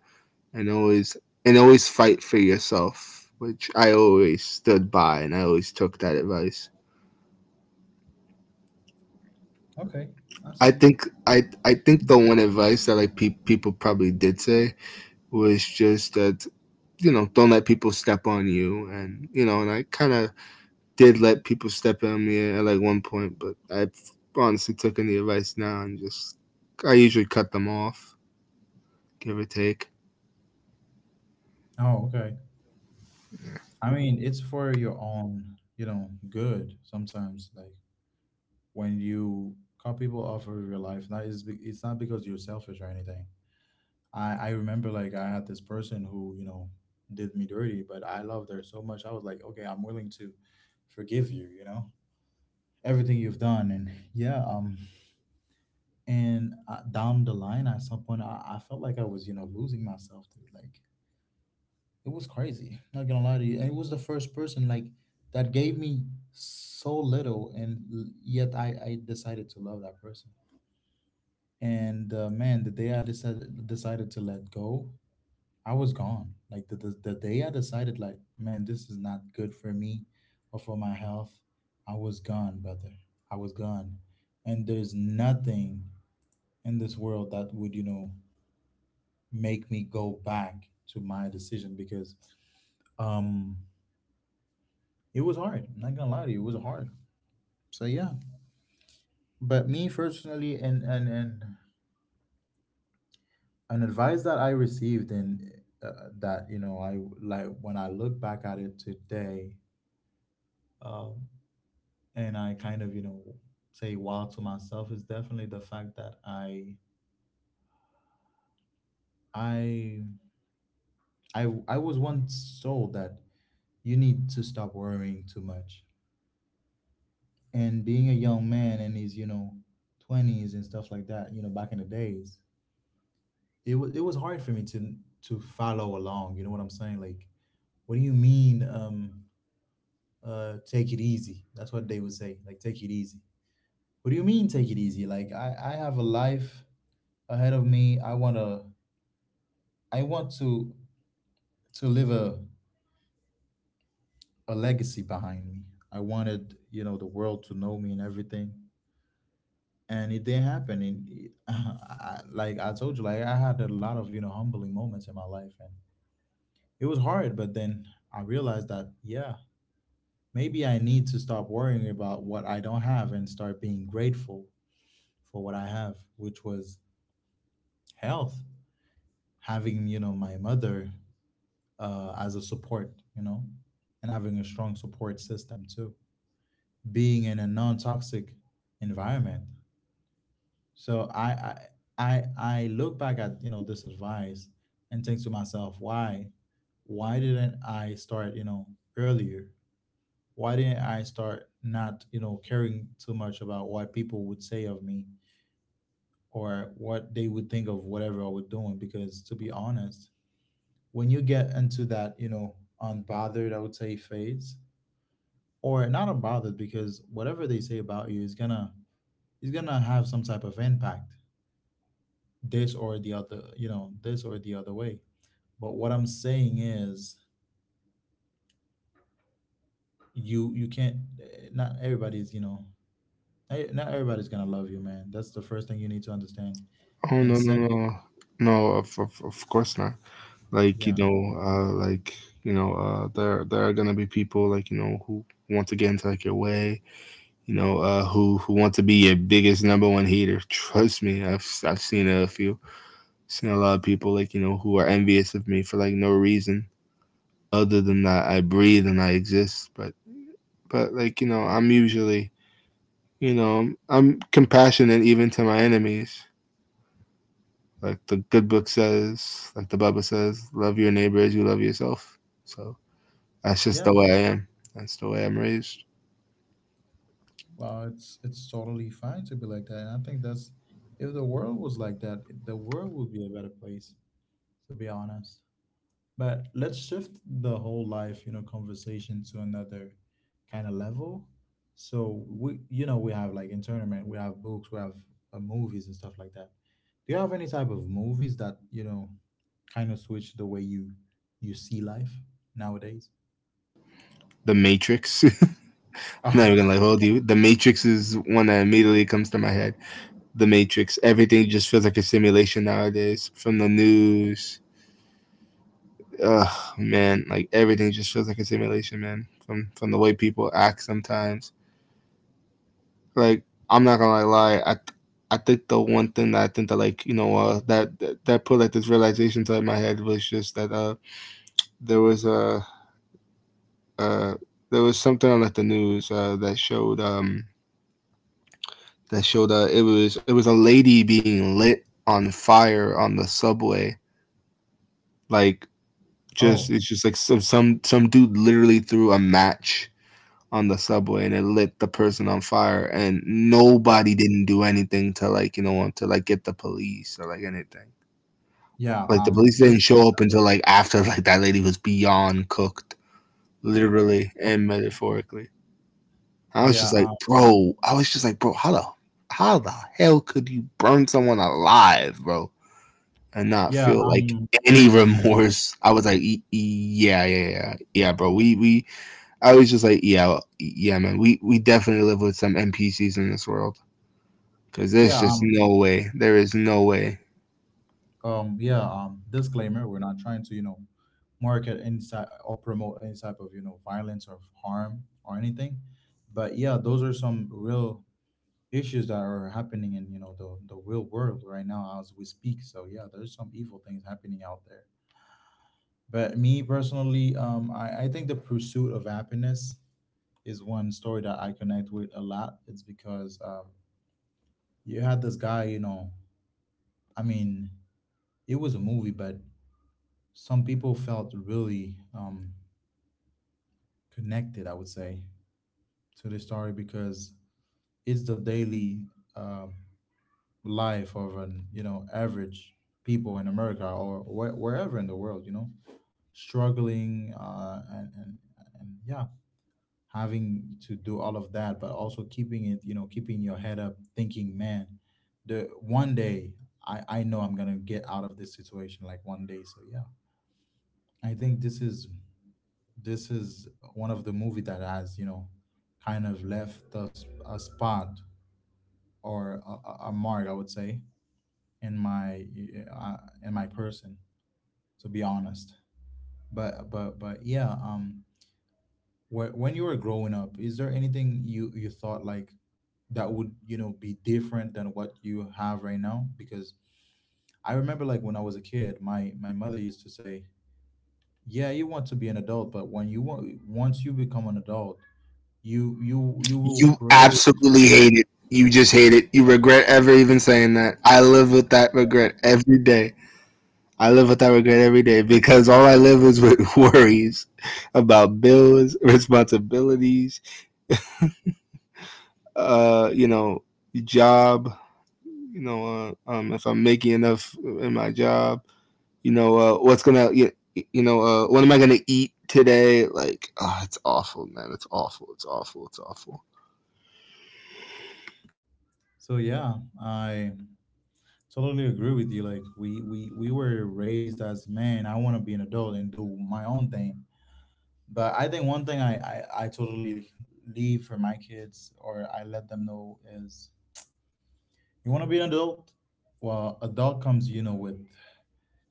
B: and always fight for yourself, which I always stood by, and I always took that advice.
A: Okay, I see.
B: I think the one advice that like people probably did say was just that you know don't let people step on you. And you know, and I kind of did let people step on me at, like one point, but I honestly took in the advice now, and just I usually cut them off, give or take.
A: Oh, okay. I mean, it's for your own, you know, good sometimes. Like, when you cut people off of your life, that is, it's not because you're selfish or anything. I remember, like, I had this person who, you know, did me dirty, but I loved her so much. I was like, okay, I'm willing to forgive you, you know, everything you've done. And yeah, and down the line at some point, I felt like I was, you know, losing myself, dude. Like, it was crazy, [LAUGHS] not gonna lie to you, and it was the first person, like, that gave me so little, and yet I decided to love that person. And man, the day I decided to let go, I was gone. Like, the day I decided, like, man, this is not good for me or for my health, I was gone, brother. I was gone. And there's nothing in this world that would, you know, make me go back to my decision, because, um it was hard. I'm not gonna lie to you, it was hard. So yeah. But me personally, and an advice that I received, and that, you know, I, like, when I look back at it today, um and I kind of, you know, say wow to myself, is definitely the fact that i I was once told that you need to stop worrying too much. And being a young man in his, you know, 20s and stuff like that, you know, back in the days, it was hard for me to follow along, you know what I'm saying? Like, what do you mean? Take it easy. That's what they would say, like, take it easy. What do you mean take it easy? Like, I have a life ahead of me. I want to to leave a legacy behind me. I wanted, you know, the world to know me and everything. And it didn't happen. And [LAUGHS] like, I told you, like, I had a lot of, you know, humbling moments in my life. And it was hard, but then I realized that, yeah, maybe I need to stop worrying about what I don't have and start being grateful for what I have, which was health, having, you know, my mother, as a support, you know, and having a strong support system too. Being in a non-toxic environment. So, I look back at, you know, this advice and think to myself, why didn't I start, you know, earlier? Why didn't I start not, you know, caring too much about what people would say of me, or what they would think of whatever I was doing? Because, to be honest, when you get into that, you know, unbothered, I would say, phase, or not unbothered, because whatever they say about you is gonna have some type of impact, this or the other, you know, this or the other way. But what I'm saying is, you can't, not everybody's, you know, not everybody's gonna love you, man. That's the first thing you need to understand.
B: Oh
A: And
B: no, no
A: second.
B: no No, of, of course not. Like you
A: Yeah.
B: know like you know there are gonna be people like you know who want to get into like your way, you know, who want to be your biggest number one hater. Trust me, I've seen a few, seen a lot of people like you know who are envious of me for like no reason other than that I breathe and I exist. But like you know, I'm usually you know I'm compassionate even to my enemies. Like the good book says, like the Bible says, love your neighbor as you love yourself. So that's just
A: Yeah.
B: the way I am. That's the way I'm raised.
A: Well, it's totally fine to be like that, and I think that's, if the world was like that, the world would be a better place, to be honest. But let's shift the whole life, you know, conversation to another kind of level. So we, you know, we have like internment, we have books, we have movies and stuff like that. Do you have any type of movies that, you know, kind of switch the way you you see life nowadays?
B: The Matrix. [LAUGHS] I'm not even gonna like
A: [LAUGHS]
B: hold you. The Matrix is one that immediately comes to my head. The Matrix. Everything just feels like a simulation nowadays. From the news, ugh, man, like everything just feels like a simulation, man. From the way people act sometimes. Like I'm not gonna lie, I think the one thing that I think that like you know that, that put like this realization inside my head was just that there was a uh there was something on like the news that showed it was a lady being lit on fire on the subway, like
A: Oh,
B: just it's
A: oh,
B: just like some dude literally threw a match on the subway, and it lit the person on fire, and
A: yeah,
B: nobody didn't do anything to like you know to like get the police or like anything.
A: yeah.
B: Like the police didn't show up until like after [LAUGHS] like that lady was beyond cooked, literally and metaphorically. I was just
A: Yeah,
B: like,
A: um,
B: bro. I was just like, bro. How the hell could you burn someone alive, bro, and not
A: yeah, um,
B: feel like
A: yeah, um,
B: any [LAUGHS] remorse? I was like, yeah, yeah, bro. We I was just like, yeah, yeah, man. We definitely live with some NPCs in this world because there's
A: yeah.
B: just no way. There is no way."
A: Yeah, disclaimer, we're not trying to, you know, market any type or promote any type of, you know, violence or harm or anything. But yeah, those are some real issues that are happening in, you know, the real world right now as we speak. So yeah, there's some evil things happening out there. But me personally, I think The Pursuit of Happiness is one story that I connect with a lot. It's because, you had this guy, you know, I mean, it was a movie, but some people felt really, connected, I would say, to the story, because it's the daily uh life of an, you know, average people in America, or wherever in the world, you know, struggling, and yeah, having to do all of that, but also keeping it, you know, keeping your head up, thinking, man, the one day I know I'm gonna get out of this situation, like, one day. So yeah, I think this is one of the movie that has, you know, kind of left us a spot, or a mark, I would say, in my uh, in my person, to be honest. But yeah, when you were growing up, is there anything you you thought, like, that would, you know, be different than what you have right now? Because I remember, like, when I was a kid, my mother used to say, "Yeah, you want to be an adult, but when you want once you become an adult, you will
B: You
A: crave."
B: absolutely hate it. You just hate it. You regret ever even saying that. I live with that regret every day. I live with that regret every day because all I live is with [LAUGHS] worries about bills, responsibilities, you know, job, you know, if I'm making enough in my job, you know, what's gonna, you know, what am I gonna eat today? Like, oh, it's awful, man. It's awful. It's awful. It's awful.
A: So yeah, I totally agree with you. Like, we were raised as men. I want to be an adult and do my own thing. But I think one thing I totally leave for my kids, or I let them know, is you want to be an adult. Well, adult comes, you know, with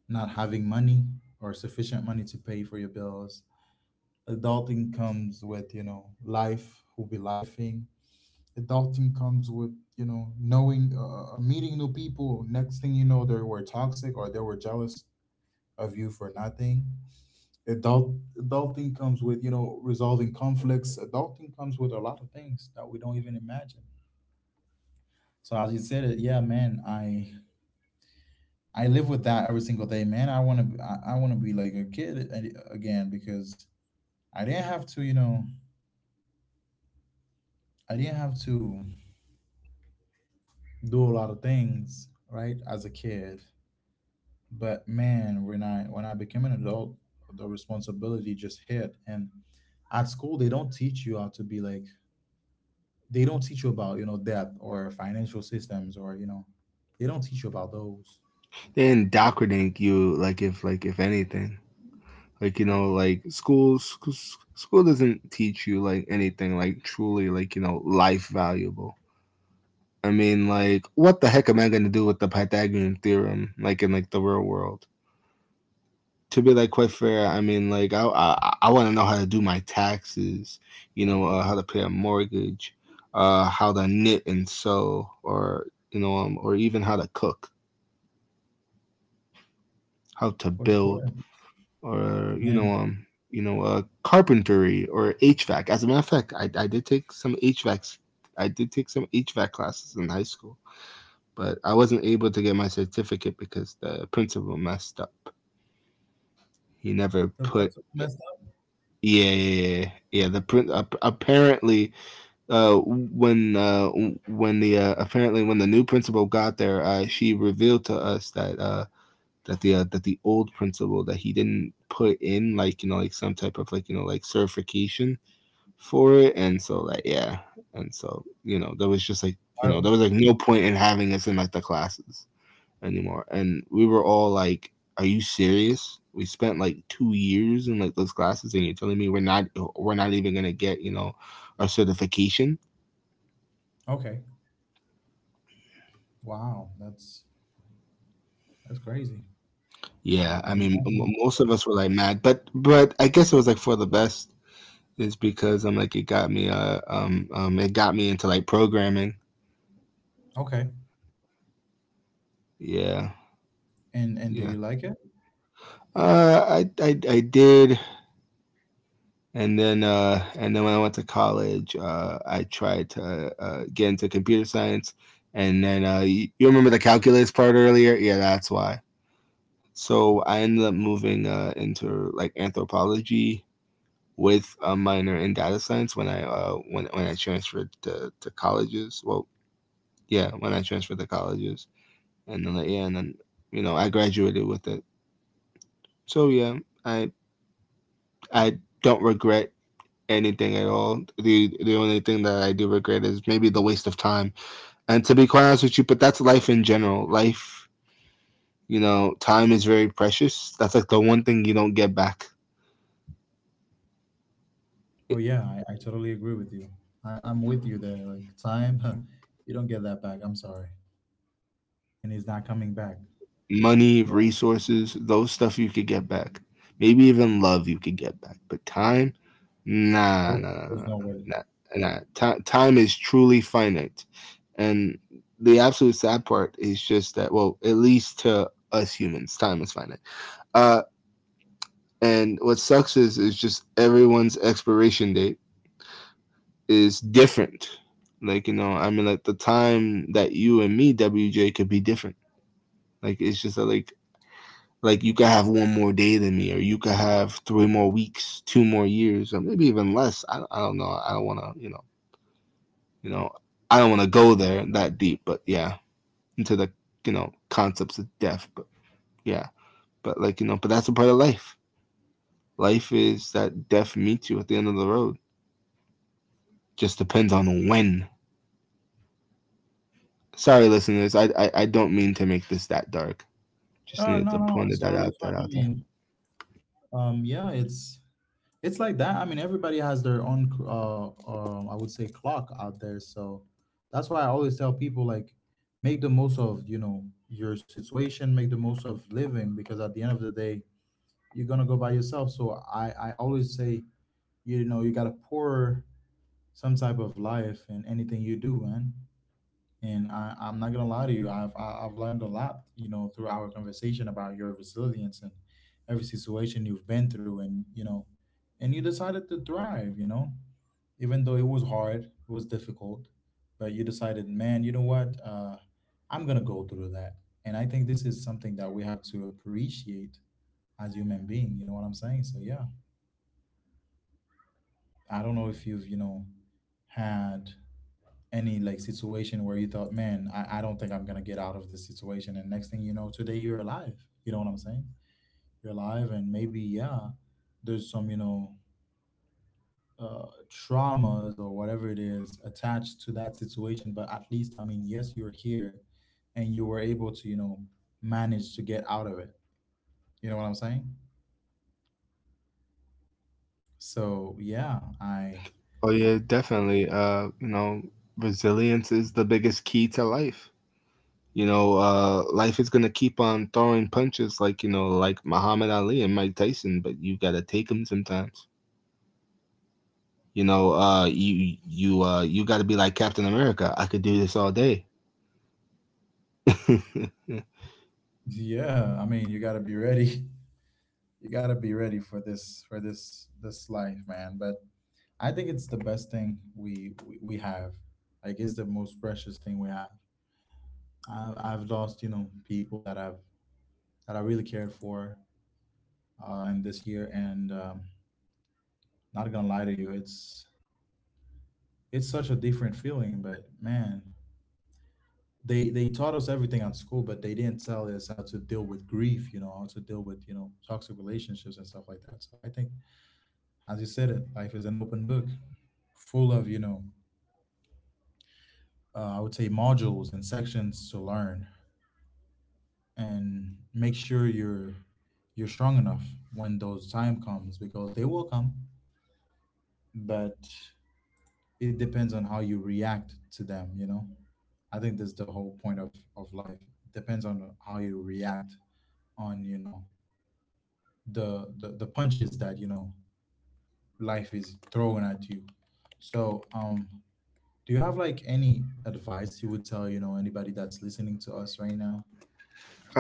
A: not having money, or sufficient money to pay for your bills. Adulting comes with, you know, life will be lifing. Adulting comes with, you know, knowing, meeting new people, next thing you know, they were toxic or they were jealous of you for nothing. Adulting comes with, you know, resolving conflicts. Adulting comes with a lot of things that we don't even imagine. So, as you said it, yeah, man, I live with that every single day, man. I want to I want to be like a kid again, because I didn't have to, you know, I didn't have to do a lot of things, right, as a kid. But man, when I when I became an adult, the responsibility just hit. And at school, they don't teach you how to be like, they don't teach you about, you know, debt or financial systems, or, you know, they don't teach you about those.
B: They indoctrinate you, like if anything, like you know, like school doesn't teach you like anything, like truly, like you know, life valuable. I mean, like, what the heck am I gonna do with the Pythagorean theorem, like in like the real world? To be like quite fair, I mean, like I want to know how to do my taxes, you know, how to pay a mortgage, how to knit and sew, or you know, or even how to cook, how to
A: For
B: build,
A: sure.
B: or
A: And
B: you know, carpentry or HVAC. As a matter of fact, I did take some HVACs. I did take some HVAC classes in high school, but I wasn't able to get my certificate because the principal messed up. He never
A: the
B: put.
A: principal messed up.
B: Yeah, yeah. Apparently, uh, when uh, when the apparently when the new principal got there, she revealed to us that that the old principal, that he didn't put in like you know like some type of like you know like certification for it, and so like yeah, and so you know there was just like
A: I-.
B: you know there was like no point in having us in like the classes anymore. And we were all like, "Are you serious? We spent like 2 years in like those classes, and you're telling me we're not even gonna get you know our certification?"
A: Okay. Wow, that's crazy.
B: Yeah,
A: I
B: I mean,
A: imagine.
B: most of us were like mad, but I guess it was like for the best. Is because I'm like it got me into like programming.
A: Okay.
B: Yeah,
A: And do
B: yeah.
A: you like it?
B: I did, and then when I went to college, I tried to get into computer science, and then you, you remember the calculus part earlier? Yeah, that's why. So I ended up moving into like anthropology with a minor in data science when I when I transferred to colleges. Well, yeah, when I transferred to colleges, and then like, yeah, and then you know I graduated with it. So yeah, I I don't regret anything at all. The only thing that I do regret is maybe the waste of time. And to be quite honest with you, but that's life in general. Life, you know, time is very precious. That's like the one thing you don't get back.
A: Oh yeah, I totally agree with you. I'm with you there. Like, time, [LAUGHS] you don't get that back, I'm sorry. And it's not coming back.
B: Money, resources, those stuff you could get back. Maybe even love you could get back. But time, nah,
A: Nope,
B: nah, nah, nah.
A: there's
B: Nah.
A: no way.
B: Nah. Nah. Time is truly finite. And the absolute sad part is just that, well, at least to us humans, time is finite. Uh, And what sucks is just everyone's expiration date is different. Like you know, I mean, like the time that you and me, WJ, could be different. Like it's just like you could have one more day than me, or you could have three more weeks, two more years, or maybe even less. I don't know. I don't want to, you know, I don't want to go there that deep. But yeah, into the you know concepts of death. But yeah, but like you know, but that's a part of life. Life is that death meets you at the end of the road. Just depends on when. Sorry, listeners. I don't mean to make this that dark. Just needed
A: No,
B: to
A: no, no,
B: point
A: it's totally
B: that
A: fine. I
B: out there.
A: mean, yeah, it's like that. I mean, everybody has their own, I would say, clock out there. So, that's why I always tell people, like, make the most of, you know, your situation, make the most of living, because at the end of the day, you're gonna go by yourself. So I always say, you know, you gotta pour some type of life in anything you do, man. And I'm not gonna lie to you, I've I've learned a lot, you know, through our conversation about your resilience and every situation you've been through. And, you know, and you decided to thrive, you know, even though it was hard, it was difficult, but you decided, man, you know what, I'm gonna go through that. And I think this is something that we have to appreciate as human being. You know what I'm saying? So yeah, I don't know if you've, you know, had any like situation where you thought, man, I don't think I'm gonna get out of this situation. And next thing you know, today you're alive. You know what I'm saying? You're alive. And maybe, yeah, there's some, you know, traumas or whatever it is attached to that situation. But at least, I mean, yes, you're here, and you were able to, you know, manage to get out of it. You know what I'm saying? So yeah, I.
B: Oh yeah, definitely. You know, resilience is the biggest key to life. You know, life is gonna keep on throwing punches, like you know, like Muhammad Ali and Mike Tyson, but you gotta take them sometimes. You know, you gotta be like Captain America. I could do this all day. [LAUGHS]
A: Yeah, I mean, you gotta be ready. [LAUGHS] You gotta be ready for this for this life, man. But I think it's the best thing we have. Like it's the most precious thing we have. I've lost, you know, people that I really cared for, in this year, and not gonna lie to you, it's such a different feeling. But man, they taught us everything at school, but they didn't tell us how to deal with grief. You know, how to deal with toxic relationships and stuff like that. So I think, as you said it, life is an open book, full of I would say modules and sections to learn and make sure you're strong enough when those time comes because they will come, but it depends on how you react to them. You know, I think that's the whole point of life. Depends on how you react on, you know, the punches that, you know, life is throwing at you. So do you have like any advice you would tell, you know, anybody that's listening to us right now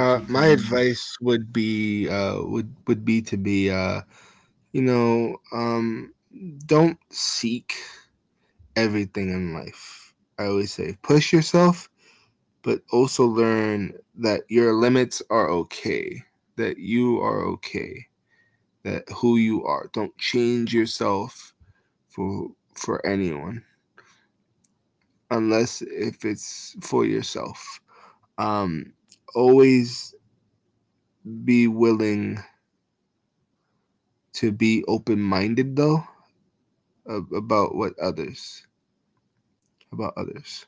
A: to keep
B: My
A: them in?
B: advice would be would be to be you know, don't seek everything in life. I always say push yourself, but also learn that your limits are okay, that you are okay, that who you are. Don't change yourself for anyone unless if it's for yourself. Um, always be willing to be open minded though about what others about others.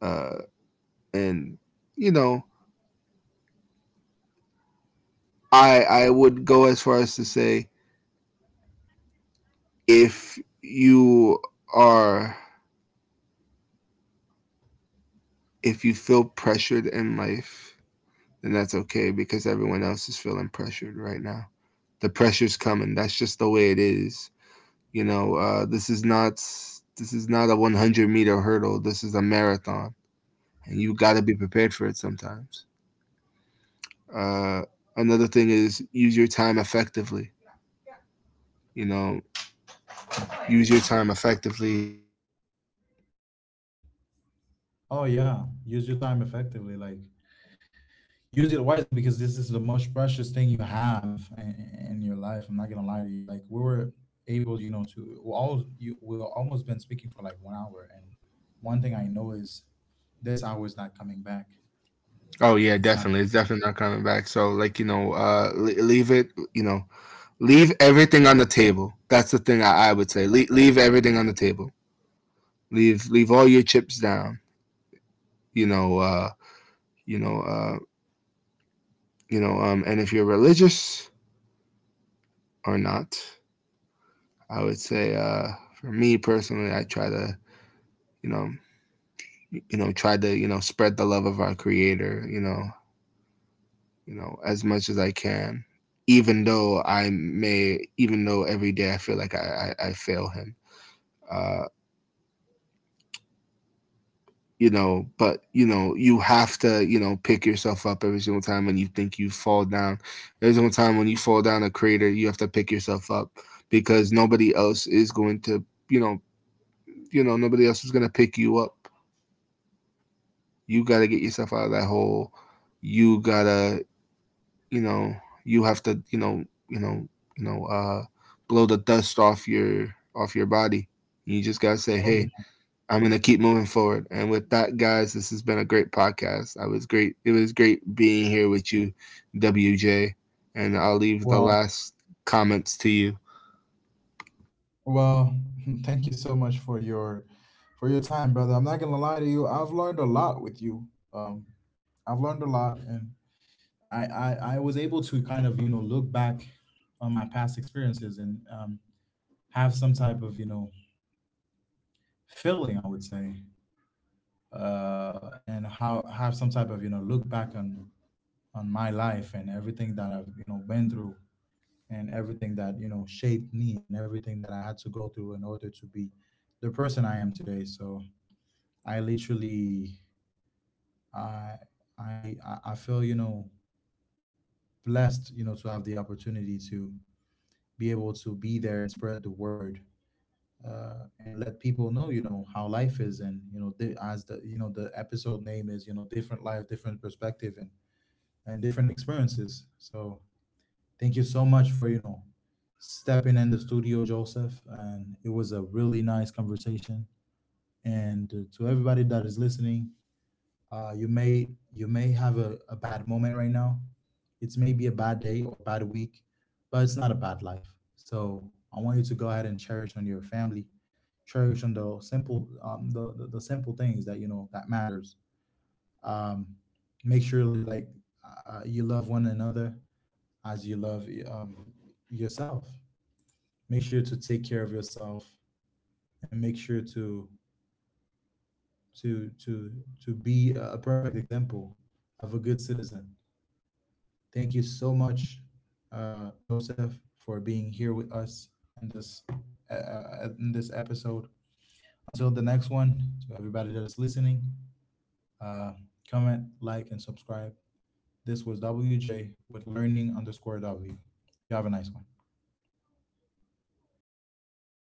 B: Uh, And you know, I would go as far as to say if you are if you feel pressured in life, then that's okay because everyone else is feeling pressured right now. The pressure's coming. That's just the way it is. You know, this is not a 100-meter hurdle. This is a marathon, and you got to be prepared for it sometimes. Uh, another thing is use your time effectively. You know, use your time effectively.
A: Oh yeah, use your time effectively. Like use it wisely because this is the most precious thing you have in your life. I'm not gonna lie to you. Like we were able, you know, to we all you we almost been speaking for like 1 hour, and one thing I know is this hour is not coming back.
B: Oh yeah,
A: It's not.
B: definitely. It's definitely not coming back. So like you know, leave it. You know, leave everything on the table. That's the thing I would say. Leave everything on the table. Leave all your chips down. You know, you know, uh, you know. And if you're religious or not, I would say, for me personally, I try to, you know, you know, try to, you know, spread the love of our Creator. You know, as much as I can, even though I may, even though every day I feel like I fail him. Uh, you know, but you know, you have to, you know, pick yourself up every single time when you think you fall down. Every single time when you fall down a crater, you have to pick yourself up because nobody else is going to, you know, you know, nobody else is going to pick you up. You got to get yourself out of that hole. You got to, you know you have to you know uh blow the dust off your body. You just gotta say,
A: Oh
B: hey,
A: yeah.
B: I'm gonna keep moving forward. And with that, guys, this has been a great podcast. I was great it was great being here with you, WJ, and I'll leave the
A: Well,
B: last comments to you.
A: well, [LAUGHS] thank you so much for your time, brother. I'm not gonna lie to you. I've learned a lot with you. Um, I've learned a lot, and I was able to kind of, you know, look back on my past experiences and, have some type of, you know, feeling, I would say. Uh and how have some type of, you know, look back on my life and everything that I've, you know, been through and everything that, you know, shaped me and everything that I had to go through in order to be the person I am today. So I literally, i I feel, you know, blessed, you know, to have the opportunity to be able to be there and spread the word, and let people know, you know, how life is. And, you know, as the, you know, the episode name is, you know, different life, different perspective, and different experiences. So thank you so much for, you know, stepping in the studio, Joseph. And it was a really nice conversation. And, to everybody that is listening, you may, you may have a bad moment right now. It's maybe a bad day or a bad week, but it's not a bad life. So I want you to go ahead and cherish on your family, cherish on the simple, the simple things that, you know, that matters. um make sure, like, you love one another as you love, yourself. Make sure to take care of yourself, and make sure to to be a perfect example of a good citizen. Thank you so much, Joseph, for being here with us in this, in this episode. Until the next one, to everybody that is listening, uh, comment, like, and subscribe. This was WJ with learning underscore W. You have a nice one.